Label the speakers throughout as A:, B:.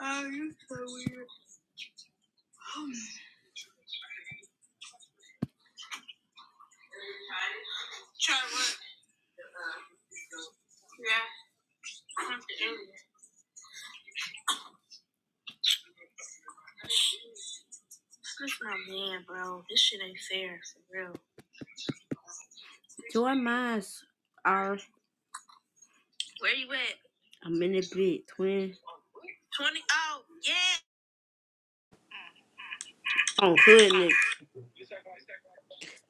A: That's so weird. Try to work. Yeah. From the area. This my man, bro. This shit ain't fair, for real. Join mines are. Where you at? I'm in the bit, twin. 20. Oh, yeah. On hood niggas.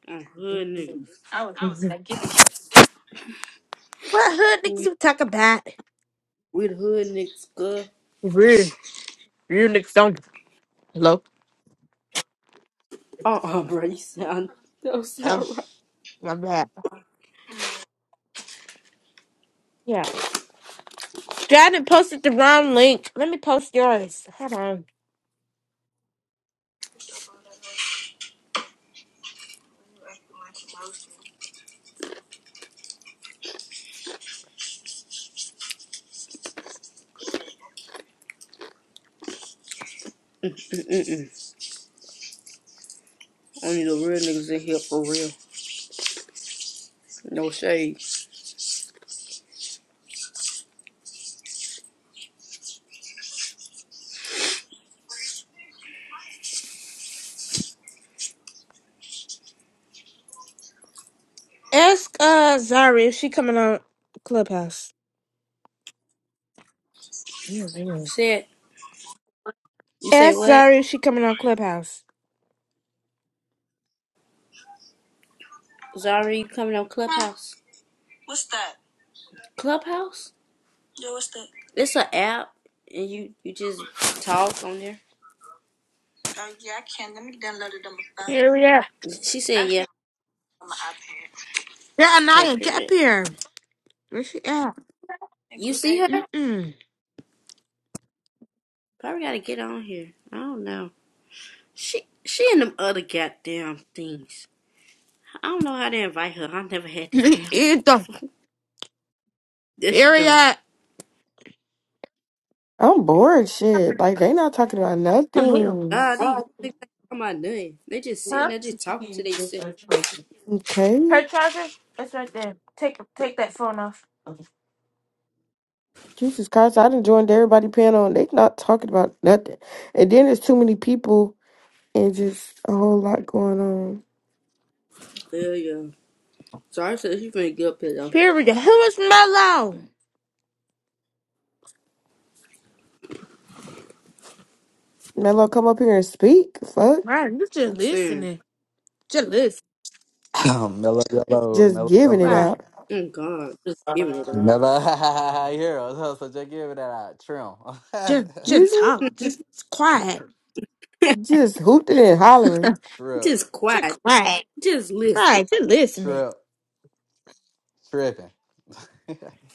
A: On hood niggas. I was.
B: What hood niggas
A: We,
B: you talk about?
A: we the hood niggas, good.
B: Hello?
A: Uh uh, bro. You sound. That don't
B: Oh,
A: sound right.
B: my bad. Yeah. Janet posted the wrong link. Let me post yours. Hold on.
A: Mm-mm-mm. Only the real niggas in here for real. No shade.
B: Ask uh Zari if she coming on Clubhouse. Yeah, they will.
A: Said, you say
B: Ask
A: what?
B: Zari if she coming on Clubhouse.
A: Zari, you coming on Clubhouse? What's that? Clubhouse? Yeah, what's that? It's an app, and you you just talk on there. Oh yeah, I can. Let me download it on my
B: Here
A: phone.
B: we are.
A: She said, can "Yeah, on my iPad.
B: Yeah,
A: okay,
B: Anaya, get up
A: period."
B: here. Where she at?
A: Hey, You cool see her?
B: Mm-mm.
A: Probably gotta get on here. I don't know. She she and them other goddamn things. I don't know how to invite her. I never had this app.
B: Either.
A: There she
B: Here we
A: go.
B: at.
C: I'm bored, shit. Like, they not talking about
B: Oh, you.
C: nothing.
A: Ah, these hoes think they talking about nothing. They just sitting
B: Huh?
A: there, just talking to themselves.
C: Okay?
B: Her charger? It's right there. Take take that phone off.
C: Jesus Christ, I done joined everybody panel and they not talking about nothing. And then there's too many people and just a whole lot going on.
A: Hell yeah. Sorry, so she finna get up here though.
B: Period. Who is Mellow?
C: Mello, come up here and speak. Fuck.
B: Right, you just
A: I'm saying.
B: listening. Just listen.
D: mellow yellow,
C: Just
D: mellow
C: giving
D: yellow,
C: it
B: Right.
C: out.
A: Thank God. Just give it
D: mellow. Hero, so so just give it that out. Trim,
B: Just just
C: Excuse me?
B: talk.
A: up.
B: Just quiet.
C: Just hooting and hollering.
D: trip,
A: just
B: just
A: quiet.
B: quiet.
A: Just listen.
B: Right, just listening.
D: trip, tripping.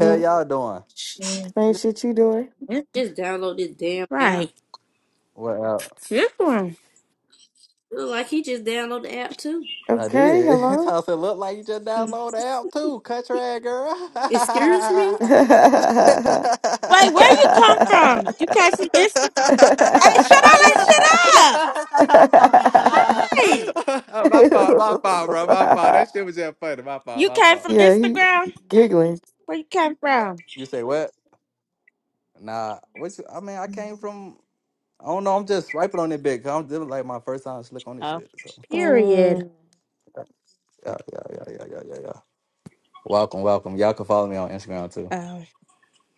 D: Hell, y'all doing?
B: Shit.
C: Same shit you doing.
A: Just download this damn app.
B: Right.
D: What? uh,
B: This one.
A: Look like he just downloaded the app too.
D: I
C: Okay,
D: did. It
C: hello?
D: also look like you just
A: Mm.
D: download the app too, country ass girl.
A: Excuse me?
B: Wait, where you come from? You came from Instagram. Hey, shut
A: Why
B: all that
A: y'all?
B: shit up. Hey.
D: my fault, my fault, bro. My fault.
C: yeah,
D: That shit was just funny. My fault,
B: You
D: my
B: came
D: fault,
B: from
D: my fault.
C: he
B: Instagram?
C: giggling.
B: Where you came from?
D: You say what? Nah, what you, I mean, I came from. I don't know. I'm just swiping on it bit. i I'm this was like my first time slick on it
B: Oh.
D: bit. So
B: Period.
C: Mm.
D: yeah, yeah, yeah, yeah, yeah, yeah, yeah. Welcome, welcome. Y'all can follow me on Instagram too.
B: Oh.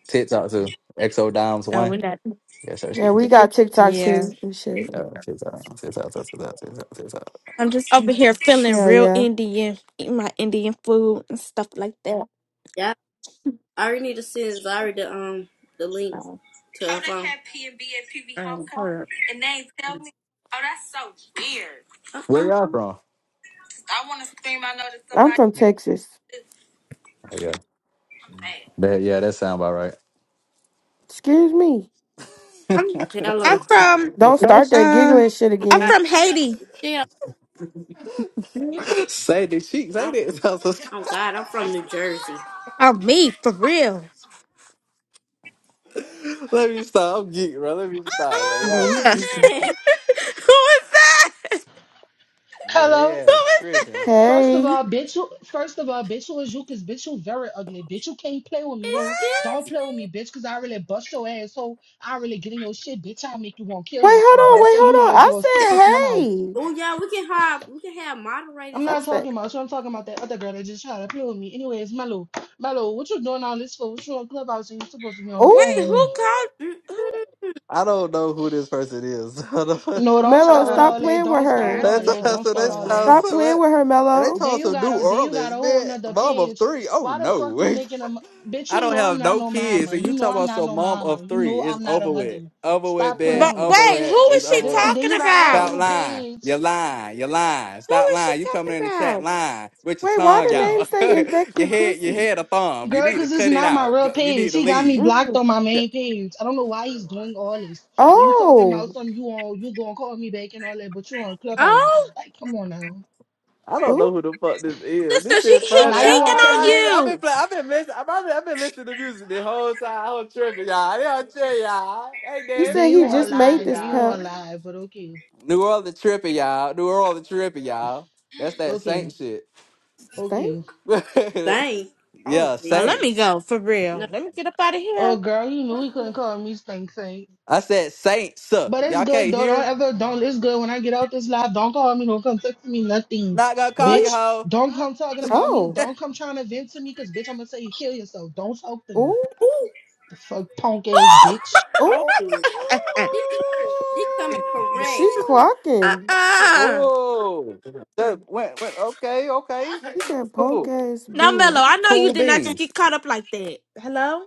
D: TikTok too. XO Dimes
B: Oh,
D: one.
B: we not.
D: Yeah, sure.
C: Yeah,
D: Skip.
C: we got
D: Yeah,
C: TikTok
B: Yeah.
C: too and shit.
D: TikTok, TikTok, TikTok, TikTok, TikTok.
B: I'm just Over here feeling
C: Yeah,
B: real
C: yeah.
B: Indian, eating my Indian food and stuff like that.
A: Yeah, I already need to send Zari the um the link
B: Um,
A: to her Oh, they phone. had P and B at PV
B: um,
A: homecoming,
B: or-
A: and they ain't tell me. Oh, that's so weird.
D: Where
A: Uh-uh.
D: y'all from?
A: I want to scream. I know that
C: I'm
A: somebody.
C: from Texas.
A: is-
D: Oh yeah,
A: I'm mad.
D: that yeah, that sound about right.
C: Excuse me.
B: I'm
A: Tell
B: I'm
A: them.
B: from
C: Don't start that
B: um
C: giggling shit
B: I'm
A: God,
C: again.
B: from Haiti.
A: tell 'em.
B: Oh
D: say the cheek, say
A: I'm,
D: that.
A: I'm God. I'm from New Jersey.
B: me, for real.
D: Let me stop. I'm geek, bro. Let me stop, bro.
A: Oh, who
C: Yeah,
D: Y'all,
C: you
A: is
B: Ah!
A: that?
C: giggling.
B: who was that?
D: yeah, they
E: Hello.
B: Who
D: yeah
B: was
D: tripping.
B: that?
E: First of
C: Hey. Wait,
E: all, bitch, you- first of all, bitch, who is you? Cause bitch, you very ugly. Bitch, you can't play with me, ho.
B: What?
E: Don't
A: Excuse
E: play with
A: me.
E: me, bitch, cause I really bust your ass, ho. I really get in your shit, bitch. I'll make you want to kill
C: hold
B: Who
E: yourself,
C: on.
E: girl.
C: Wait,
E: So
B: was
E: you
C: hold
E: might
C: on.
E: as
C: I
E: well sit
C: said,
E: this one out.
C: hey.
A: Oh yeah, we can have we can have
E: I'm
A: moderators
C: I
E: not
A: on.
C: said,
E: talking about you. I'm talking about that other girl that just tried to play with me. Anyways, Mello, Mello, what you doing all this for? What you on Clubhouse and you supposed to be on the
C: oh.
E: phone
B: Wait,
E: with
B: who
E: me?
B: called
A: Mm-mm.
B: who
D: I don't know who this person is.
E: No, don't
C: Mello,
E: start with
C: stop
E: all that.
C: playing with
E: Don't start with
C: her.
B: I
E: all
D: That's
B: don't know
E: that. Don't
B: what's
D: so
E: start
D: they
B: going
E: all that.
D: sound
B: on.
C: Stop
D: so
C: playing
D: that-
C: with her,
D: and they
C: Mello.
E: Then
D: told
E: you
D: some
E: got
D: New
E: a then you got
D: Orleans,
E: a
D: man,
E: whole nother
D: mom of
E: page.
D: three. Oh
E: Why the fuck
D: no.
E: you making a m- bitch?
D: I
E: You
D: don't
E: know I'm
D: have
E: not
D: no
E: no
D: kids.
E: mama.
D: And you
E: You know
D: talk
E: I'm
D: about
E: not
D: some
E: no
D: mom
E: mama.
D: of
E: You
D: three.
E: know
D: It's
E: I'm not a
D: over with.
E: mother.
D: Over with,
E: Stop
D: bet,
E: playing.
C: Oh.
B: But
E: with me.
D: over
B: wait,
D: with,
B: who
D: it's
B: was she
D: over
E: Th- and
D: with.
E: then
B: talking
E: you got a whole
B: about?
D: Stop
E: new
D: lying.
E: page.
D: You're lying. You're lying.
B: Who
D: Stop
B: was she
D: lying. You coming in the chat
B: talking
D: lying with your
C: Wait, why
D: tongue
C: the
E: Ooh.
C: name
D: out.
C: say
D: your
C: infected
D: head, your
C: pussy?
D: head a thumb. You
E: Girl,
D: need to
E: cause it's
D: cut it
E: not my
D: out.
E: real
D: Go- You
E: page.
D: need to
E: He got me
D: leave.
E: blocked
C: Mm.
E: on my main page. I don't know why he's doing all this. Then you talking about
C: Oh.
E: some you on you gonna call me back and all that, but you on
B: about?
E: Clubhouse. Like, come on now.
D: I don't know who the fuck this is. This
B: Sister, she
D: shit
B: he
A: Oh
D: funny.
E: Now
A: that
E: you
B: cheating
E: wanna
D: I,
E: tell
B: on
E: you
D: I, ain't- I've been
B: you.
D: play, I've been listening. I've been, I've been listening to music the whole time. I was tripping, y'all. They are tripping, y'all. Hey,
C: He
D: dance.
E: then
C: said
E: you
D: They
C: he
D: are
E: wanna
C: just made
D: tripping,
E: lie, then
C: this
E: you
D: y'all.
C: pound
E: wanna lie, but okay,
D: New Orleans tripping, y'all. New Orleans tripping, y'all. That's that
E: okay,
D: Saint shit.
C: stink.
E: okay.
A: thing. Oh
D: yeah,
B: Oh,
A: Jesus.
B: let me
D: Saints.
B: go for
A: No.
B: real. Let me get up out of
E: Oh
B: here.
E: girl, you knew he couldn't call me stink stink.
D: I said Saints. sir.
E: But it's
D: Y'all
E: good
D: can't
E: though. Don't
D: hear?
E: ever don't it's good when I get out this live. Don't call me, don't come text me, nothing.
D: Not gonna call
A: Ooh,
D: you,
E: Bitch.
D: hoe.
E: Don't come talking about me.
C: Oh,
E: Don't come trying to vent to me because bitch I'm gonna say you kill yourself. Don't talk to me.
C: ooh,
A: ooh.
E: The fuck punk ass bitch.
A: Oh,
C: ooh.
A: she,
B: Uh uh.
A: she coming
C: She
A: correct. It's
B: Uh
C: clocking.
A: shit.
D: Ooh.
B: uh.
D: Ooh. That went, went, okay,
C: She
D: okay.
C: said, punk ass
B: Now, Mello, I know
C: bitch.
B: you
D: Cool
B: did not just
D: beans.
B: get caught up like that. Hello?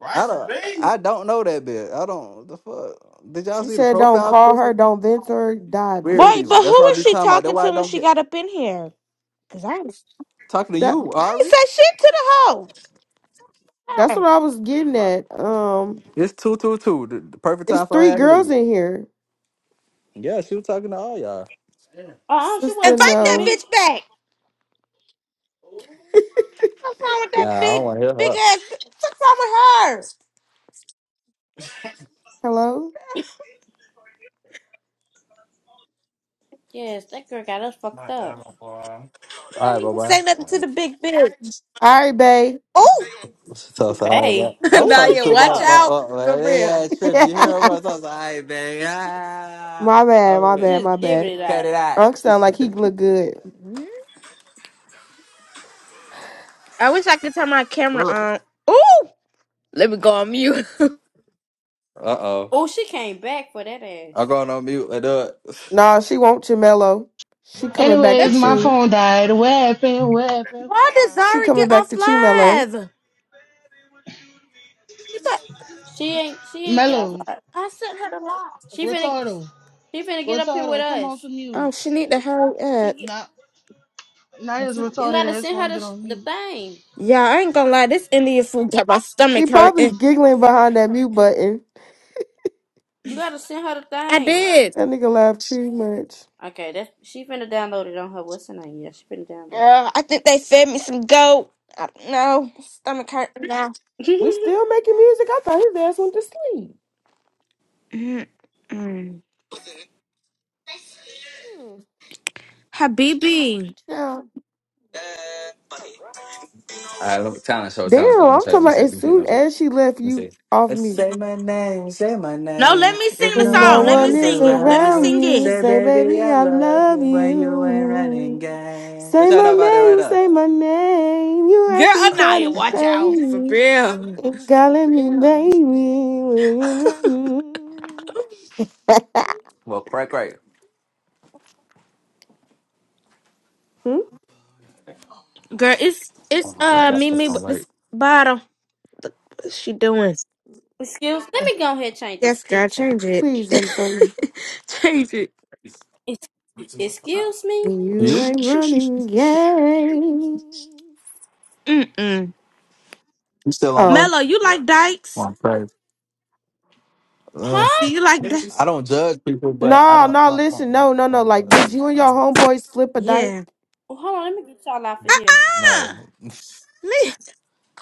D: I don't. I don't know that bit. I don't. The fuck. Did y'all
C: She
D: see the
C: said, don't
D: profile
C: call
D: picture?
C: her, don't vent to her, die,
D: Weird
B: Boy, but
D: people.
C: bitch.
B: who
D: That's why I
B: was
D: be
B: she
D: talking about. That's
B: talking
D: why I
B: to when
D: don't
B: she
D: get
B: got up in here? Because I, ain't-
D: talking to
C: That
D: you,
B: I ain't
D: Ari.
B: said shit to the hoe. Hey,
C: that's what I was getting at. Um,
D: It's two two two. The, the perfect
C: it's
D: time for
C: three
D: her to
C: girls
D: leave.
C: in here.
D: Yeah, she was talking to all y'all.
A: Oh, she
C: Sister,
A: wasn't
B: Invite
A: talking to
B: that
C: no.
A: me.
B: bitch back. What's wrong with that
D: Nah, I
B: big,
D: don't want to hear
B: big
D: her.
B: ass? What's wrong with her?
C: Hello.
A: Yes, that girl got us fucked up.
D: All
B: I
D: right,
B: didn't
D: bye
B: even
D: bye.
B: say nothing to the big bitch.
C: All right, babe.
B: Oh,
D: She talks all right,
A: Babe.
D: bro. I'm
A: Oh,
D: talking
A: look
B: Naya,
D: to my
B: watch
A: at her.
D: my.
B: out.
D: Uh,
B: For
D: like,
B: real.
D: yeah, trippy. You hear her? bro? I
C: my
D: talks all right, baby. Ah,
C: bad,
D: I'm
C: my
D: with.
C: bad,
A: Just
C: my
A: giving
C: bad.
A: it
D: Cut
A: up.
D: it out.
C: Unc sound like he look good.
B: I wish I could turn my camera
D: Uh
B: on. Ooh, let me go on mute.
D: oh.
A: Oh, she came back for that
D: I'm
A: ass.
D: going on mute. I do it.
C: Nah, she won't Mellow. She coming back to
E: Anyways,
B: That-
E: my
C: chew.
E: phone died. What happened? What happened?
B: Why did
C: She
B: Zara
C: coming
B: get off
C: back to chew Mellow.
B: live? She thought
A: She ain't. She ain't get up.
E: Mellow.
A: like-
B: I sent her the live.
A: She finna.
E: Retardo.
A: She finna get up here with
E: Retardo, come off
A: us.
E: of
B: Oh,
E: mute.
B: she need to hurry
A: She
B: up.
A: get.
E: Not not as
A: You, you
E: retarded
A: gotta
E: ass
A: send
E: gonna
A: her the,
E: get
A: sh-
E: on
A: the
E: mute.
A: thing.
B: Yeah, I ain't gonna lie. This Indian food got my
C: He
B: stomach
C: probably
B: hurting.
C: giggling behind that mute button.
A: You gotta send her the
B: I
A: thing.
B: did.
C: That nigga laughed too much.
A: Okay, that's she finna download it on her. What's her name? Yeah, she finna download
B: Girl, I think they fed me some goat. I don't know. My Stomach hurting now.
C: We
A: it.
C: still making music. I thought his ass went to sleep.
B: Mm-mm.
C: Hmm,
B: Habibi.
C: Yeah.
D: All right, look, talent show, talent
C: Damn,
D: show. Let me
C: I'm
D: try. Let
C: talking
D: me
C: about
D: see. Let
C: as
D: me see. Let
C: soon
D: me see.
C: as she left
D: Let me
C: you
D: see.
C: off
D: Uh,
C: mute.
D: Say my name, say my
B: No,
D: name.
B: let me
D: If
B: sing the
C: When
D: no
C: no
B: song.
D: one
B: Let me
C: one
D: is
C: is
B: sing it. Let me
D: around, uh,
C: around
B: sing
C: you,
B: it.
D: say
C: say,
D: baby
C: baby,
D: I
C: I
D: love you
C: love
D: when you ain't running
C: you.
D: game. What
C: Say
D: y'all
C: my
D: know about that right
C: name,
D: now?
C: say my name. You
B: Girl,
C: acting kind
B: Anaya,
C: of
B: watch out. For
C: shady.
B: real.
C: And calling me baby.
D: Well, crack, crack.
C: Hmm?
B: Girl, it's
D: I'm
B: it's
D: gonna keep
B: uh
D: that
B: Mimi
D: stuff
B: with
D: right.
B: this bottle. What's she doing?
A: Excuse. Let me go ahead and change this
B: Yes, girl,
A: picture.
B: change it.
C: Please, and
B: change it.
A: It's, excuse me,
C: You
D: You?
C: ain't running game.
B: Mm-mm.
D: You still on my?
C: Oh.
B: Mello, you like dykes?
D: Well, crack. Ugh.
B: Do
A: huh?
B: you like that?
D: I don't judge people, but I
C: No,
D: don't.
C: no,
D: I
C: listen,
D: don't,
C: no, no,
D: I
C: no.
D: don't
C: Like,
D: judge
C: would
D: people.
C: you and
D: No,
C: your homeboy slip a dike?
B: Yeah.
A: Well, hold on. Let me get y'all out of here.
B: Uh-uh.
D: No.
B: Me.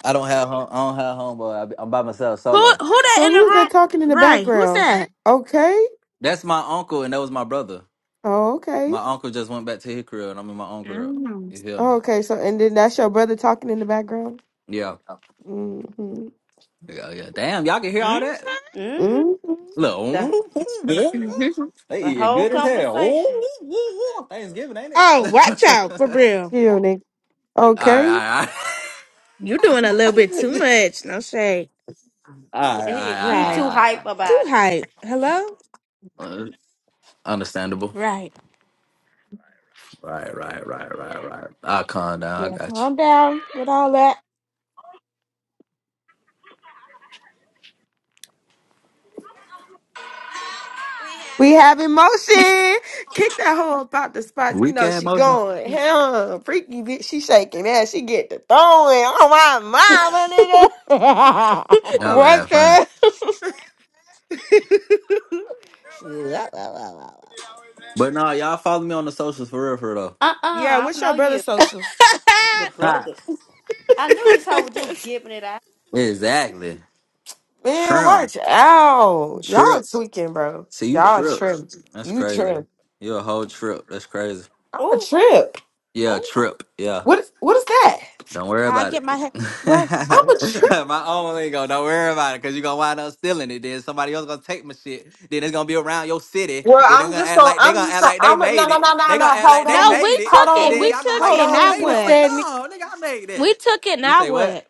D: I don't have. hom- I don't have homeboy. I be- I'm by myself,
B: Who
D: solo.
B: who that
C: So
B: in the
C: who's that
B: room?
C: talking in the
B: Right. Who's
C: background?
B: that?
C: Okay.
D: That's my uncle, and that was my brother.
C: Oh, okay.
D: My uncle just went back to his crib, and I'm in my own crib.
B: Mm.
D: You hear me?
C: Oh, okay. So and then that's your brother talking in the background?
D: Yeah,
C: Mm-hmm.
D: yeah, yeah. Damn, y'all can hear all that.
B: Mm-hmm.
A: Mm-hmm.
C: Mm-hmm.
D: Look,
A: The
D: ooh, ooh, ooh. they
A: the
D: eating
A: whole
D: good as hell. Ooh,
A: conversation.
D: ooh, ooh, ooh. Thanksgiving, ain't it?
B: Oh,
D: all
B: watch
D: right,
B: out for real.
C: Chill, nigga.
D: all
C: Okay.
D: right,
B: You doing a
D: all
B: little bit too
D: right.
B: much. No shade.
D: all right, all
A: Yeah, he
D: right, all
A: he
B: Right.
A: too
D: right, all
A: hype
D: right.
B: Too
A: about it.
B: hype. Hello?
D: all right. Uh, Understandable.
B: Right.
D: Right, right, right, right, right. I'll calm down. I
B: Yeah,
D: got
B: calm down with all that.
C: We have emotion. Kick that hoe up out the
D: you.
C: spot. You
D: Weak
C: know
D: ass
C: she
D: motion.
C: going. Hell, freaky bitch. She shaking ass. She get the throwing. Oh my mama, nigga.
D: Y'all laugh
B: What
D: funny.
B: the?
D: But no, y'all follow me on the socials for real, for real though.
A: Uh uh
C: Yeah,
A: I
C: what's
A: don't
C: your
A: know
C: brother's
A: you.
C: socials?
A: Your
D: Ha!
A: brother. I knew this hoe was just giving it out.
D: Exactly.
C: Man,
D: Trim.
C: watch out. Y'all
D: Trip.
C: tweaking, bro.
D: See, you
C: Y'all
D: trip.
C: tripped.
D: That's
C: You
D: crazy.
C: tripped.
D: You a whole trip. That's crazy.
C: I'm a
A: Ooh,
C: trip.
D: Yeah,
A: ooh.
D: trip. Yeah.
C: What is what is that?
D: Don't worry
B: Y'all
D: about it.
B: get my head. What?
C: I'm a trip.
D: my own lingo. Don't worry about it, cause you gonna wind up stealing it. Then somebody else gonna take my shit. Then it's gonna be around your city.
C: Well,
D: Then they're
C: I'm
D: gonna
C: just
D: act
C: gonna
D: like they
C: I'm
D: gonna
C: just
D: act
C: gonna
D: like they
C: I'm a, no
D: made
C: no
D: it.
C: no no
D: They gonna
C: no
D: act
C: hold
D: like they
C: on
B: No,
C: nigga.
B: we
D: made it.
C: Hold
B: took
D: And
B: it.
C: on
D: then
B: We
C: nigga.
D: y'all gonna be
B: took
D: like,
C: Hold
B: it.
D: y'all
C: on
B: Now
D: made it.
C: puss
D: I'm
B: what?
D: like,
C: that nigga.
D: no, nigga, I made
B: We
D: that.
B: took it.
D: You
B: Now
D: say what?
B: what?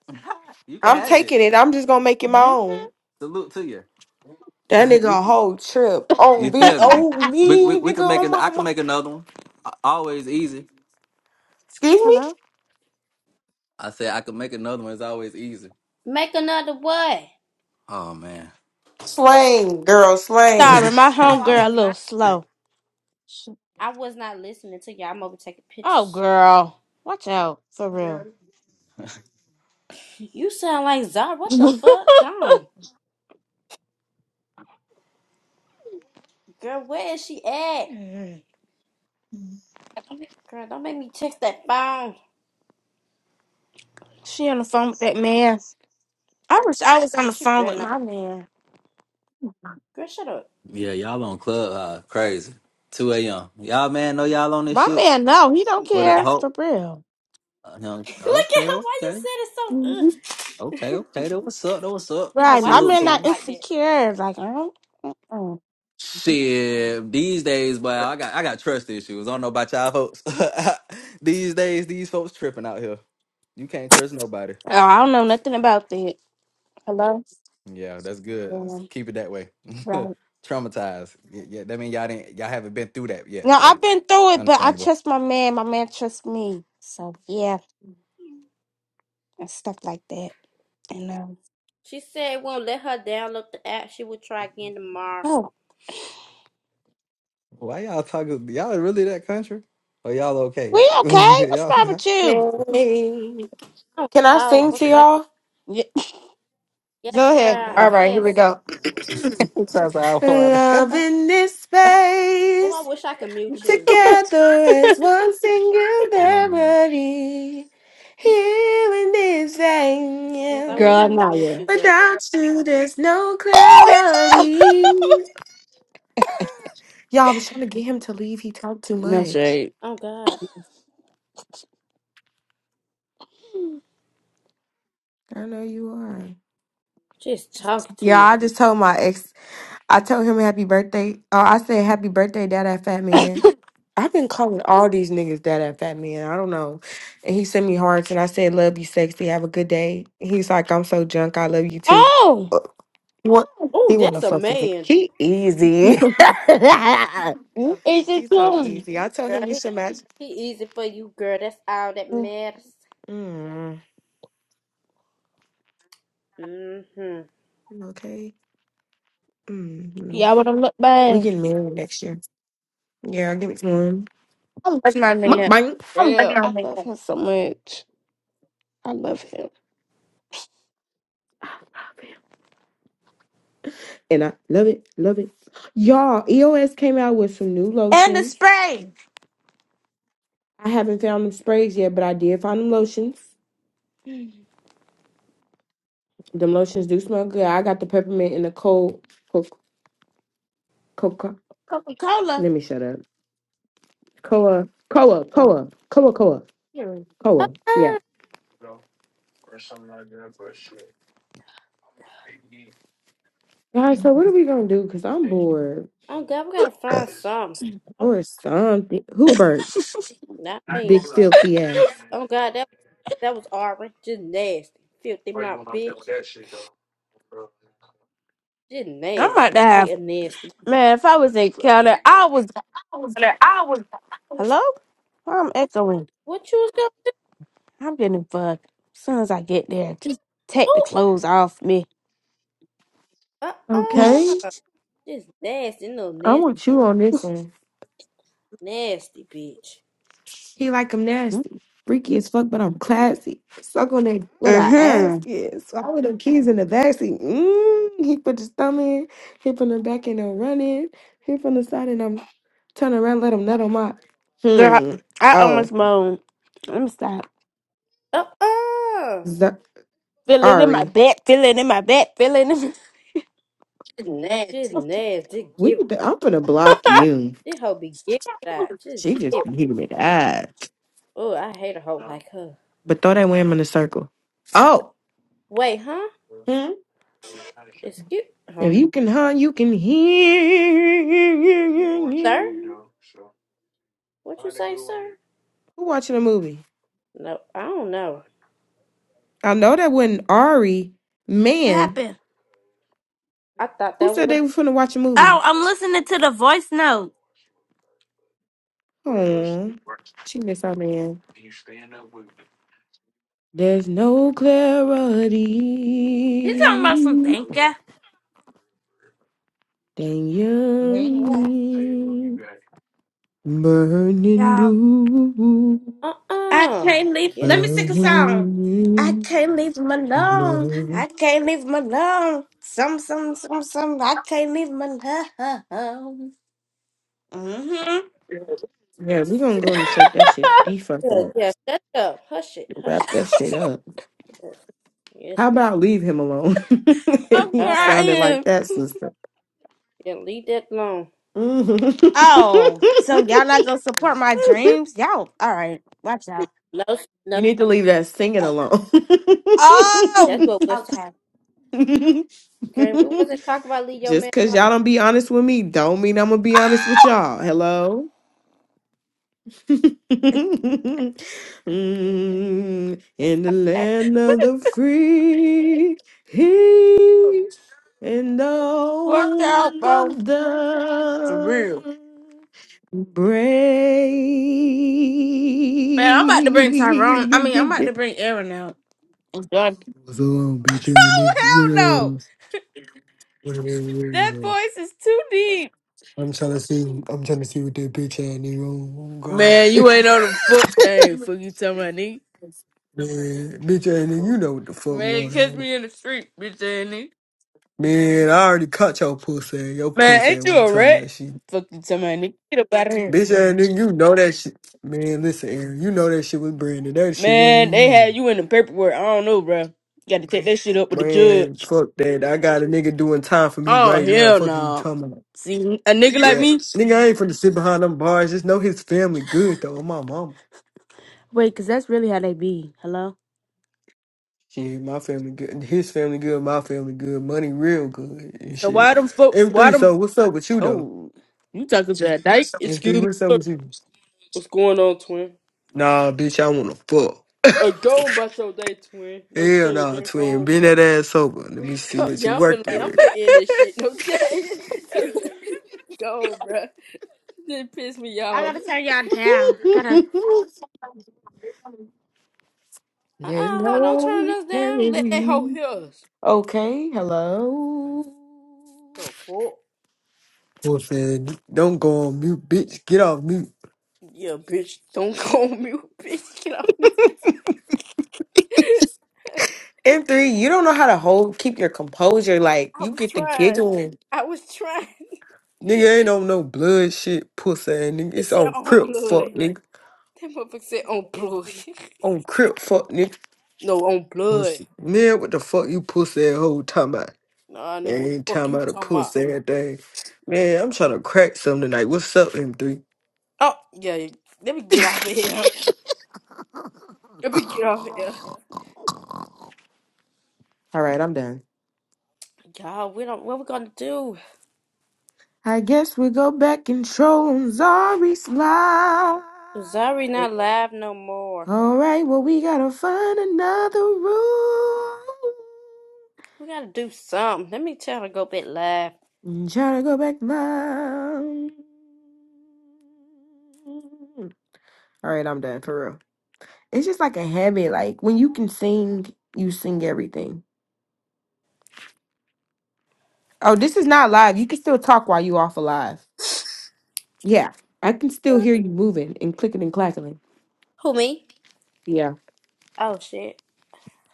D: you can
C: I'm
D: have it.
C: taking it. I'm just gonna make it my
B: hmm
C: own.
D: Salute to you.
C: That nigga
D: You
C: a whole trip.
D: You
C: On be
D: feel me?
C: on
D: We we
C: me,
D: we
C: nigga
D: could make
C: on
D: an. I
C: my,
D: can
C: my
D: make another one. A- Always easy.
C: excuse me?
B: Hello?
D: I said I could make another one. It's always easy.
A: Make another what?
D: Oh man.
C: Slang, girl, slang.
B: Sorry, my
A: Oh, I
B: homegirl a
A: was
B: little
A: not.
B: slow. She-
A: I was not listening to you. I'm over taking
B: Oh,
A: pictures.
B: girl. Watch out. For real.
A: You sound like Zara. What
B: she
A: the fuck? Gone. Girl, where is she at? Girl, don't make me check that phone.
B: on the phone with that man. I wish I was on
A: Girl,
B: the
A: she
B: phone with
A: better not.
B: my man.
A: Girl, shut up.
D: yeah, y'all on club uh, crazy. Two a.m. Y'all man know y'all on this
B: My
D: shit.
B: man, no, he don't
D: What up,
A: Yeah.
B: care. For
D: Hope?
B: real.
D: Uh, him-
A: Look at
D: Okay,
A: her. Why you
D: okay,
A: said it
B: Mhm.
A: so.
D: okay, okay. That what's up? That what's up?
A: Ugh.
B: Right.
A: Why
B: My
A: you
D: Salute
B: man
D: to
A: said
B: not
A: it
D: him.
A: like that?
B: insecure. Like, I don't. Mm-mm.
D: Shit, these days, but I got I got trust issues. I don't know about y'all folks. these days, these folks tripping out here. You can't trust nobody.
B: Oh, I don't know nothing about that. Hello?
D: Yeah, that's good. S-
B: Um,
D: Keep it that way.
B: right.
D: Traumatized. Y- Yeah, that mean y'all didn't y'all haven't been through that
B: No,
D: yet, so
B: I've been through it, but I
D: understandable.
B: trust my man. My man trusts me. So, yeah, and stuff like that. And, um,
A: She said it won't let her download the app. She will try again tomorrow.
B: oh,
D: Why y'all talking? Y'all really that country? Or y'all
B: we
D: okay?
B: okay? What's wrong
D: y'all.
B: with you?
C: Slang.
A: Oh,
C: Can I
A: so
C: sing to
A: what? Like, what?
C: y'all?
B: Yeah.
A: yes,
B: Go
A: girl.
B: ahead,
A: I
C: All
B: girl.
C: right, here we
A: guess.
C: go.
D: That's how I
C: Love in this
A: Oh, I
C: space,
A: wish I could mute you.
C: together as one
D: want.
C: singularity. Here in this
A: Yes, I
B: girl,
A: wish I
B: I'm
C: vein,
A: could
B: not
A: mute
B: here.
A: you, girl.
C: without you, there's no
B: Oh, he left!
C: clarity. Y'all, I was trying to get him to leave. He talked too
B: no
C: much.
B: shade.
A: Oh God,
C: I know you are.
A: just talking too
C: Yeah,
A: much.
C: I just told my ex I told him happy birthday. Oh, I said happy birthday, dad, that fat man. I've been calling all these niggas dad, that fat man. I don't know. And he sent me hearts, and I said, "Love you, sexy. Have a good day." He's like, "I'm so drunk. I love you too."
B: Oh!
C: Uh, What?
A: Oh,
C: He want to
A: that's a
C: fuck with me.
A: man.
C: He easy.
B: Is it
C: He's so
B: you?
C: easy. I told
A: Girl,
C: him we
A: he,
C: should match.
A: he easy for you, girl. That's all that matters.
C: Mm,
A: Mm-hmm.
C: okay. hmm
B: Y'all want to look
C: We
B: bad.
C: getting married next year. Yeah, give it to him.
B: I love my man. Real. I
C: Mukbang.
B: love him so much. I love him.
C: and I love it, love it. Y'all, EOS came out with some new
B: And the
C: lotions.
B: spray.
C: I haven't found them sprays yet, but I did find them lotions. Them lotions do smell good. I got the peppermint and the cold co- coca.
B: Coca Cola.
C: Let me shut up. Coa, coa,
B: Oh,
C: coa, coa, coa,
B: here it
A: Ah,
C: coa. Yeah.
B: is.
C: Guys, so what are we gonna do? Cause I'm bored
A: oh God, we gotta find some. Oh,
C: or something. Who burped?
A: not
C: Big
A: me.
C: filthy ass.
A: Oh God, that that was Aubrey. Just nasty, filthy mouth bitch. Just
B: I'm about
A: nasty.
B: to
A: I hate
B: have.
A: a nasty.
B: Man, if I was in Canada, I was. Hello? Why I'm echoing.
A: What you was gonna
B: I'm getting fucked. As soon as I get there, just
A: do?
B: take the clothes off me.
A: Uh-uh.
C: Okay,
A: Just nasty, little
C: I
A: nasty,
C: want you
A: little
C: on this one.
A: nasty bitch.
C: He like I'm nasty, freaky as fuck, but I'm classy. Suck on that what I ask
B: Mm-hmm.
C: is. So I with them kids in the backseat. Mm, he put his thumb in, hip on the back and I'm running, hip on the side and I'm turning around, let him nut on my.
B: Girl,
C: Hmm.
B: I almost
C: Oh,
B: moaned. Let me stop.
A: Uh-uh.
C: Z-
B: Feel it in my
C: Ari,
B: back, feel it in my back, feel it in my It's
A: Just
B: Nasty.
A: nasty. Just
C: we
A: give.
C: need to, I'm gonna block you.
A: This hoe be giving it out. Just
C: She
A: give.
C: just needed me that.
A: Oh, I hate a hoe like her.
C: But throw that wham in the circle. Oh.
A: Wait, huh?
C: Hmm?
A: Excuse,
C: If
A: um,
C: you can hunt, you can hear.
A: sir. What you say, sir?
C: Who watching a movie?
A: No, I don't know.
C: I know that wasn't Ari.
B: What
C: Man,
B: happened?
A: I thought
C: who
A: that
C: said
A: was
C: they were finna watch a movie?
B: Oh, I'm listening to the voice note.
C: Oh, she missed our man. There's no clarity
B: He's talking about some thank
C: than
B: you.
C: young burning
B: Y'all,
C: blue,
A: uh
B: I
A: uh
B: can't leave.
A: Get
B: Let
A: it
B: me sing a song. I
C: burning
B: can't leave him alone.
C: blue.
B: I can't leave him alone. Some, some, some, some. I can't leave him alone. hmm
C: Yeah, we're gonna go and shut that shit the fuck
A: good.
C: up.
A: Yeah, shut up. Hush it. Hush
C: Wrap that shit up.
A: it. Yes,
C: How about leave him alone?
A: before
B: I'm
C: he
A: God.
C: sounded like
B: crying.
C: that, sister.
A: Yeah, leave that alone.
C: Mhm.
B: Oh, so y'all not gonna support my dreams? Y'all, all right. Watch out.
A: No,
C: You
A: no,
C: need to leave that singing alone.
A: that's
B: Oh,
A: what we was
B: okay.
A: talking. Girl. We wasn't talking about leave your
C: Just
A: man
C: cause
A: alone.
C: y'all don't be honest with me, don't mean I'm gonna be honest with y'all. Hello. Mm,
A: That's
C: In the
A: okay.
C: land of the free, he and the
B: Work out,
C: home
B: bro.
C: of
B: For
C: the
B: real. Man, I'm about to bring Tyrone. I mean, I'm about
C: brave.
B: to bring Aaron out. I'm done.
C: What's up, bitch? You
B: Oh,
C: nigga? What
B: hell no.
C: uh? What what-
B: That
C: what- what- what?
B: voice is too deep.
C: I'm trying to see. I'm trying to see what that bitch ass nigga on. Oh God,
B: Man, you ain't on the fuck thing, fuck you tell my nigga.
C: man, bitch ass nigga, you know what the fuck
B: Man,
C: going
B: catch
C: on,
B: me in the street, bitch ass nigga.
C: man? I already caught your pussy. Your
B: Man,
C: pussy
B: ain't you
C: one
B: a
C: time
B: rat?
C: about shit.
B: Fuck you tell my nigga. Get up out of here.
C: Bitch ass nigga, you know that shit, man. Listen, Aaron, you know that shit was Brandon. That shit wasn't
B: Man,
C: even
B: they had
C: me,
B: you in the paperwork. I don't know, bro. gotta take that shit up with the
C: man.
B: judge.
C: Fuck that. I got a nigga doing time for me
B: Oh,
C: right now.
B: hell
C: Fuck is you
B: no.
C: talking about?
B: See, a nigga like
C: Yeah.
B: me?
C: Nigga, I ain't finna sit behind them bars. Just know his family good though. My mama.
B: Wait, cause that's really how they be. Hello.
C: Shit, my family good. His family good. My family good. Money real good and
B: So why
C: shit.
B: them folks, why
C: M3, so
B: them,
C: what's up with you though?
B: oh, you talking to a dyke?
C: M3, what's up with you?
A: I'm
C: Nah, bitch, I wanna fuck.
A: about to win. No
C: Hell
A: shade,
C: nah,
A: bro.
C: twin. Bend that ass over. Let me see
A: go-
C: what you
A: Yeah, I'm finna,
C: worked
A: I'm
C: with.
A: finna end this shit. No shade. Go, bro. This piss me
B: I
A: off.
B: gotta turn y'all down. Gotta.
A: Uh-uh,
C: There's
A: hold on,
C: no
A: turn us down. Let that hoe
C: remedy.
A: hear us.
C: Okay, hello.
A: The fuck?
C: Wolf said, don't go on mute, bitch. Get off mute.
A: Yeah, bitch. Don't call me, bitch. Get off me. I
C: M3, you don't know how to hold keep your composure. Like you
A: was
C: get the
A: trying.
C: giggling.
A: I was trying.
C: Nigga ain't on no blood shit, pussy ass nigga.
A: She
C: It's
A: said
C: on
A: on
C: crip fuck
A: blood.
C: nigga.
A: That motherfucker said on blood.
C: On crip fuck nigga.
A: no, on blood.
C: Pussy. Man, what the fuck you pussy ass hoe talking about?
A: Nah, nigga,
C: Man,
A: what
C: ain't
A: the fuck
C: talking
A: you
C: about a
A: talking about?
C: pussy ass thing. Man, I'm trying to crack something tonight. What's up, M3?
A: Oh, yeah, yeah. let me get off of here. Let me get off of here.
C: All right, I'm done.
A: God, we don't, what we gonna do?
C: I guess we go back and show 'em Zari's lie.
A: Zari not live no more.
C: All right, well, we gotta find another room.
A: We gotta do something. Let me tell her to go back live.
C: Try to go back now. All right, I'm done for real. It's just like a habit. Like when you can sing, you sing everything. Oh, this is not live. You can still talk while you off alive. Yeah, I can still hear you moving and clicking and clacking.
A: Who, me?
C: Yeah.
A: Oh, shit.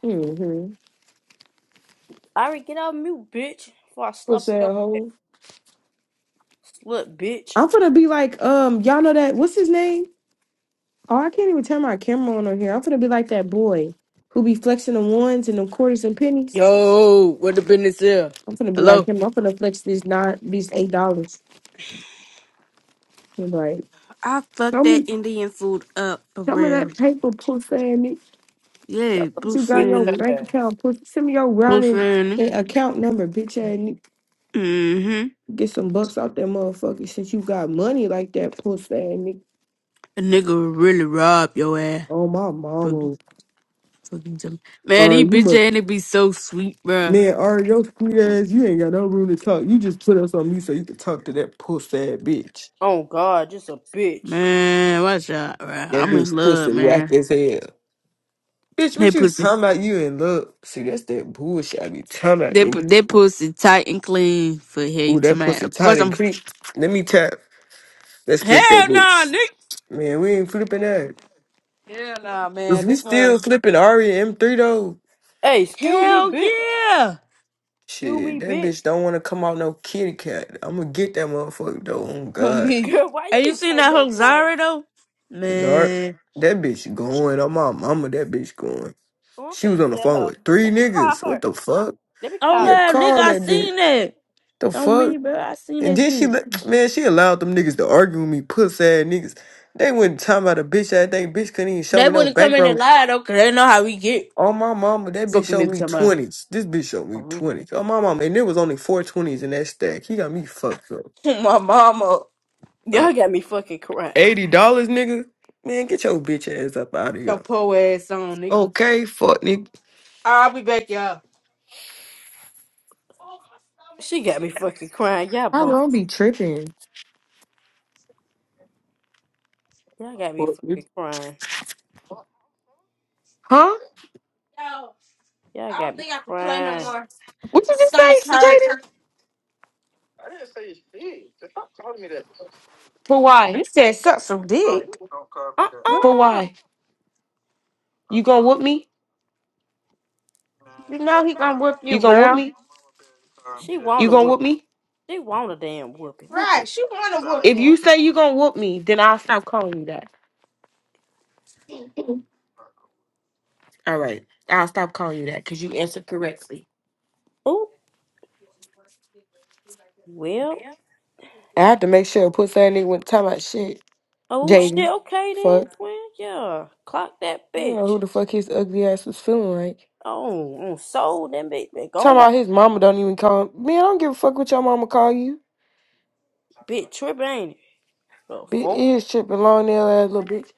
C: Mm-hmm.
A: Ari, get off mute, bitch. Before I
C: What's
A: slap
C: that
A: your
C: hoe?
A: slut, bitch.
C: I'm gonna be like, um, y'all know that what's his name? Oh, I can't even turn my camera on on here. I'm gonna be like that boy who be flexing the ones and the quarters and pennies.
B: Yo, what the business here?
C: I'm gonna be like
B: Hello?
C: him. I'm gonna flex this nine, these eight dollars. Like,
B: I
C: show
B: fucked that
C: me,
B: Indian food up for
C: show me
B: real.
C: that paper, pussy.
B: Yeah,
C: That means
B: blue
C: You got
A: Bitch.
C: your
B: sand,
C: bank account. Put send me your
B: blue
C: routing
B: sand.
C: and account number, bitch. ass nigga
B: Mm-hmm.
C: get some bucks out that motherfucker. Since you got money like that, pussy ass nigga.
B: A nigga will really rob your ass.
C: Oh my
B: Fucking,
C: mama.
B: fucking tell me. Man,
C: Or
B: these
C: you
B: bitch
C: must,
B: ain't it be so sweet, bruh.
C: man. Or your sweet ass. You ain't got no room to talk. You just put us on mute so you can talk to that pussy ass bitch.
A: Oh, God, just a bitch.
B: Man, watch out, bruh.
C: That
B: I'm
C: bitch
B: in
C: pussy
B: love,
C: whack
B: man.
C: as hell. Bitch,
B: They
C: what you
B: pussy,
C: talking about? You in love? See, that's that bullshit I be talking about.
B: they
C: nigga.
B: put they pussy tight and clean for hell
C: Ooh,
B: you to
C: that
B: my.
C: pussy
B: Of
C: tight
B: course
C: and
B: I'm.
C: creep. Let me tap. Let's flip that
B: Hell nah,
C: bitch.
B: nigga.
C: Man, we ain't flipping that.
B: Hell nah,
C: If
B: man.
C: we
B: This
C: still
B: one.
C: flipping Aria M3 though,
A: Hey, excuse me,
B: Hell
A: bitch.
B: yeah.
A: Excuse
C: shit,
A: me,
C: that
A: bitch.
C: bitch don't want to come out no kitty cat. I'm gonna get that motherfucker though. Oh
B: Oh
C: God,
B: me.
A: Girl, why you
B: Hey, you
A: need to
B: seen
A: change
B: that
A: your
B: whole
A: voice?
B: Zara though?
C: it's hard.
B: Man.
C: That bitch going. On my mama, that bitch going.
A: Oh, I'm
C: She
A: finna
C: was on the
A: tell
C: phone
A: her.
C: with three
A: Let me
C: niggas.
A: call
C: What
A: her.
C: the fuck?
A: Let me
B: Oh
A: call
C: Yeah,
A: this.
B: love, nigga,
C: call
B: I
C: that bitch.
B: seen that.
C: The
B: Don't me,
C: fuck?
B: bro. I seen
C: And
B: that
C: then she,
B: shit.
C: let- man, she allowed them niggas to argue with me, puss ass niggas. They went talking about a bitch. ass. think bitch couldn't even show
B: They
C: me no
B: wouldn't come in and
C: background
B: lie though, cause they know how we get.
C: On my mama, that bitch
B: Fucking
C: showed me
B: into my
C: twenties. This bitch showed me twenties. On my mama, and there was only four twenties in that stack. He got me fucked up.
B: my mama.
C: Uh,
A: Y'all got me fucking crying.
C: Eighty dollars, nigga. Man, get your bitch ass up out of
B: Your
C: here.
B: poor ass on, nigga.
C: Okay, fuck nigga.
B: I'll be back, y'all. Oh my stomach,
A: She got me fucking crying. Y'all
C: I
A: both.
C: won't be tripping.
A: Y'all got me fucking crying.
C: Huh?
B: yo.
A: Y'all
B: I don't
A: got me
B: think I can play no
A: crying.
B: more.
C: What
B: My
C: you just
B: stomach
C: say,
B: hurt.
C: Jaden? For why?
B: You said suck some dick.
C: For
B: What?
A: Uh-uh.
C: why? You gonna whoop me?
B: You know he gonna whoop
C: You
B: you,
C: gonna whoop
B: girl.
C: me?
A: She
C: You
A: want a
C: gonna
A: whoop.
C: whoop me?
A: She want a damn whooping. Look
B: Right,
A: at.
B: she wanna whoop
C: If you
B: him.
C: say you gonna whoop me, then I'll stop calling you that. All right, I'll stop calling you that because you answered correctly.
A: Oh, well.
C: I have to make sure and put something in talking about shit.
A: Oh shit.
C: Jaden.
A: Okay then,
C: Fuck.
A: twin. Yeah. Clock that
C: I don't know
A: bitch.
C: who the fuck his ugly ass was feeling like.
A: Oh, mm, sold them bitch. Been
C: Talking
A: gone by.
C: about his mama don't even call him. Man, I don't give a fuck what your mama call you.
A: Bitch tripping, ain't it? The
C: Bitch,
A: fuck?
C: is tripping long nail ass little bitch.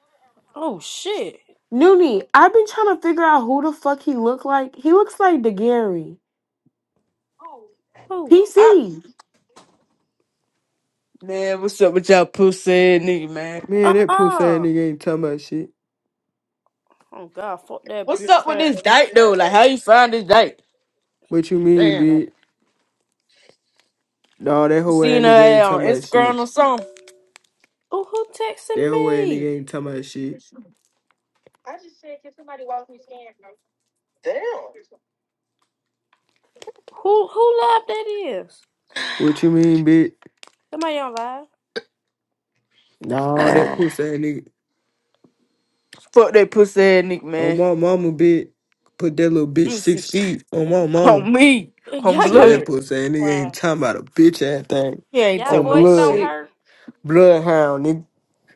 A: Oh shit.
C: Noonie, I've been trying to figure out who the fuck he look like. He looks like DeGary.
A: Oh
C: PC.
B: Man, what's up with y'all pussy ass nigga, man?
C: Man,
A: uh
C: that pussy ass
A: uh
C: nigga ain't talking about shit.
A: Oh god, fuck that
B: What's
A: bitch
B: up with
A: ass.
B: this date though? Like, how you find this date?
C: What you
B: You
C: mean,
B: saying like,
C: bitch? No, that
B: you
C: whole
B: seen
C: ass
B: her
C: nigga ain't
B: ass on
C: talking about
B: Instagram
C: shit.
B: or something?
A: Oh who
C: That
A: texting
C: whole ass
A: me?
C: nigga ain't talking about shit.
A: Who who live that is?
C: What you mean, bitch?
A: Somebody on live.
C: No, that
B: Ah,
C: pussy ass nigga.
B: Fuck that pussy ass nigga,
C: On
B: man.
C: my mama, bitch. Put that little bitch
B: I'm see
C: six feet on my mama.
B: on me, on
A: Y'all
C: Shit,
A: got me
C: that
B: blood.
C: pussy ain't nigga ain't
A: crying.
C: talking about a bitch ass thing.
B: He ain't
A: Y'all
C: On
B: talking about
A: voice don't
C: blood.
B: shit.
A: hurt.
C: Bloodhound, nigga.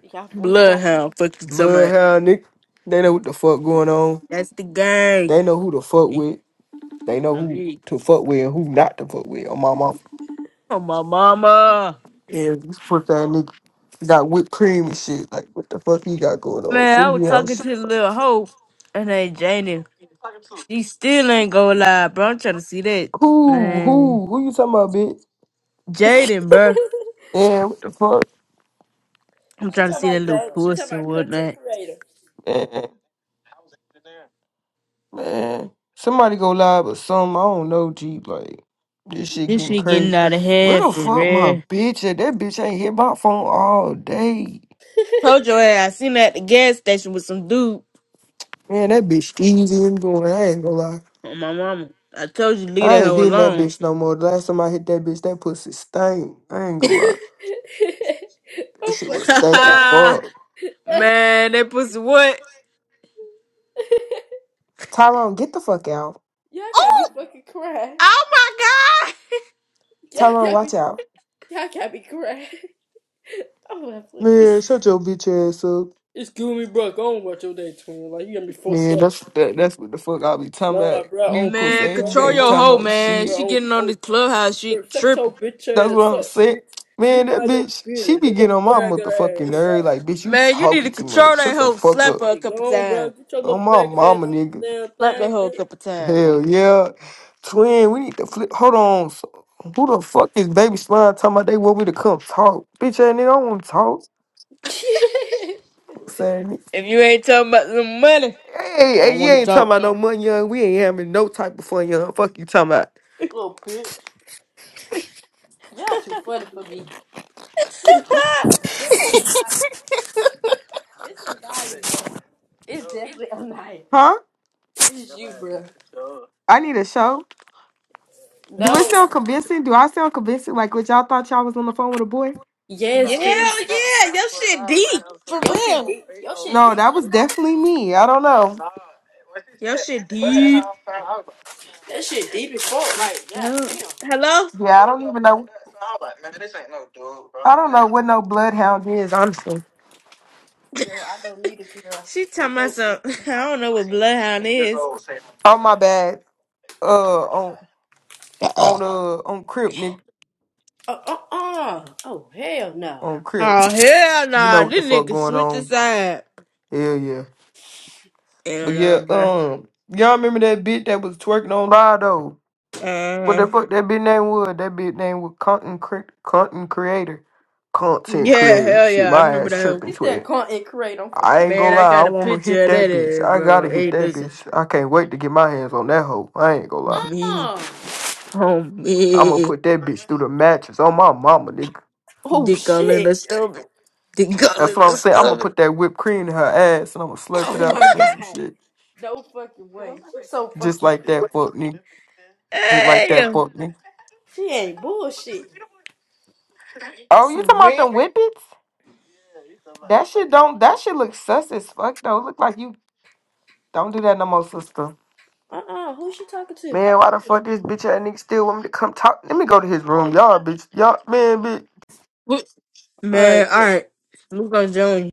A: Y'all voice don't hurt.
B: Bloodhound, fuck you talking about.
C: Bloodhound, nigga. They know what the fuck going on.
B: That's the gang.
C: They know who to fuck
B: He-
C: with. They know
B: On
C: who
B: me,
C: to fuck with and who not to fuck with on my mama.
B: on my mama.
C: And this pussy ass nigga got whipped cream and shit. Like, what the fuck he got going on?
B: Man, I was
C: Freaky ass
B: talking to
C: shit,
B: the
C: bro.
B: little hoe. Her name Janie. She still ain't gonna lie, bro. I'm trying to see that,
C: Who?
B: man.
C: Who? Who you talking about, bitch?
B: Jaden, bro.
C: Yeah, what the fuck?
B: I'm
A: she
B: trying to
A: talking
B: see that
A: about
B: little
A: that. She talking
B: pussy and
A: about content
B: whatnot.
A: creator.
C: man? Man, somebody go live or something. I don't know, G. Like, this shit
B: This
C: getting
B: shit getting
C: crazy.
B: out of
C: Where
B: hand
C: the
B: for
C: fuck my
B: real.
C: bitch at? That bitch ain't hit my phone all day.
B: Told your ass I seen her at the gas station with some dude
C: Man, that bitch easy and doing. I ain't gonna lie.
B: on my mama. I told you leave
C: I
B: that
C: ain't
B: hoe
C: hitting that
B: alone.
C: bitch no more. The last time I hit that bitch, that pussy stank. I ain't gonna lie. That
A: I'm
C: shit was
A: fucking
C: stinking
A: crying.
C: fuck.
B: man, that pussy what?
C: Tyrone, get the fuck out.
A: Y'all got me fucking crying.
B: Oh my god!
A: Y'all
C: Tyrone,
A: got
C: watch
A: me.
C: out.
A: Y'all got me crying. I'm fucking
C: Man, shut your bitch ass up.
A: It's cool me, bro. Go on about your day, twin. Like you got me fucked
C: Man,
A: up.
C: that's that, that's what the fuck I be talking about.
A: Nah, bro.
C: You
A: On
C: pussy
B: Man,
A: peak, bro.
C: ain't,
B: control
C: ain't
B: your
A: On,
C: talking
B: hoe,
C: about
B: man.
C: shit.
A: bro.
B: She
A: On,
B: getting on
A: on,
B: this clubhouse, she
A: bro. Shut your
B: tripping.
A: bitch
C: That's what
A: ass
C: I'm
A: up,
C: saying.
A: bitch. You
C: Man, that
A: mind your
C: bitch, she
A: business.
C: be
A: Your
C: getting
A: little
C: on my
A: faggot ass.
C: motherfucking
A: Oh
C: nerve.
A: God.
C: Like, bitch, you
B: Man, you need
C: talking
B: to
C: too much.
B: control that
C: Shut the
B: hoe.
C: fuck
B: Slap
C: up.
B: her a
A: Hey,
B: couple
A: go on, bro.
B: times.
A: Get your
C: On
A: little
C: my
A: faggot ass
C: mama,
A: off
C: nigga.
A: the
B: Slap that
A: damn
B: hoe a
A: thing,
B: couple times,
C: Hell
B: mama.
C: yeah. Twin, we need to flip. Hold on. So, who the fuck is Baby Slime talking about they want me to come talk? Bitch, ain't nigga, I don't want to talk.
A: bitch.
C: Saying it.
B: If you ain't talking about some money,
C: Hey,
B: I
C: hey,
B: don't
C: you
B: want to
C: ain't talking
B: talk.
C: about no money, young. We ain't having no type of fun, young. Fuck you talking about.
A: little bitch. Y'all too funny for me. It's a diet, bro. It's definitely a night.
C: Huh?
A: It's you, bro.
C: I need a show.
A: No.
C: Do it sound convincing? Do I sound convincing? Like what y'all thought y'all was on the phone with a boy?
B: Yeah,
A: Yes, Grace.
B: yeah, your shit deep for
A: Your shit
B: real.
A: deep. Your shit
C: No,
A: deep. in
C: that was definitely me. I don't know.
B: Your shit deep.
A: the- That shit deep as fuck. Like, god
B: Yo.
A: damn.
B: Hello?
C: Yeah, what no bloodhound is honestly.
A: Girl, I don't need a girl
B: She talking
A: with
B: about
A: no.
B: some. I don't know what bloodhound is.
C: Oh my bad. Uh, on
B: Oh
C: on uh on Crip, nigga,
A: Uh uh uh. Oh hell no.
C: on Crip.
B: hell
C: You know
B: nah,
C: what the
B: this
C: fuck
B: nigga
C: going
B: switch his
C: on?
B: side.
C: Hell yeah.
B: Hell
C: But
B: nah,
C: yeah,
B: bro.
C: um, y'all remember that bitch that was twerking on live though? What the
B: Uh,
C: fuck that bitch name was? That bitch name was content cre- content creator, content
B: yeah,
C: creator.
B: hell
C: Shit,
B: yeah, I
C: my
B: remember
C: ass
B: that. Whole,
C: tripping
A: You
C: to
A: said
C: it.
A: content create. I'm fucking.
C: I ain't
B: man,
C: gonna
B: I
C: lie, I
B: got a
C: wanna hit
B: picture of
C: that
B: that,
C: bitch.
B: ass,
C: I gotta
B: bro.
C: hit
B: Hey,
C: that
B: listen,
C: bitch. I can't wait to get my hands on that hoe. I ain't gonna
B: That's
C: lie.
B: me,
A: Uh.
C: I'm gonna
B: homie,
C: put that bitch through the mattress on my mama, nigga.
A: Oh
B: dick all in the
A: shit.
B: stomach, dick all
C: That's
B: in
C: what I'm
B: the
C: saying. I'm gonna
B: stomach.
C: put that whipped cream in her ass and I'm gonna slurp it
A: Oh my
C: up on some
A: god.
C: shit.
A: No fucking way. She so
C: Just
A: fucking.
C: like just like that
B: Hey,
C: boy.
A: She ain't bullshit.
C: Oh, you
B: for
C: talking about them
B: real.
C: whippets? That shit don't that shit look sus as fuck though. Look like you don't do that no more, sister.
A: Uh uh Who she talking to?
C: Man, why the fuck this bitch ass nigga still want me to come talk? Let me go to his room. Y'all bitch. Y'all man bitch.
A: All
B: Man,
A: right,
B: all
A: bitch.
B: right. We're gonna join you.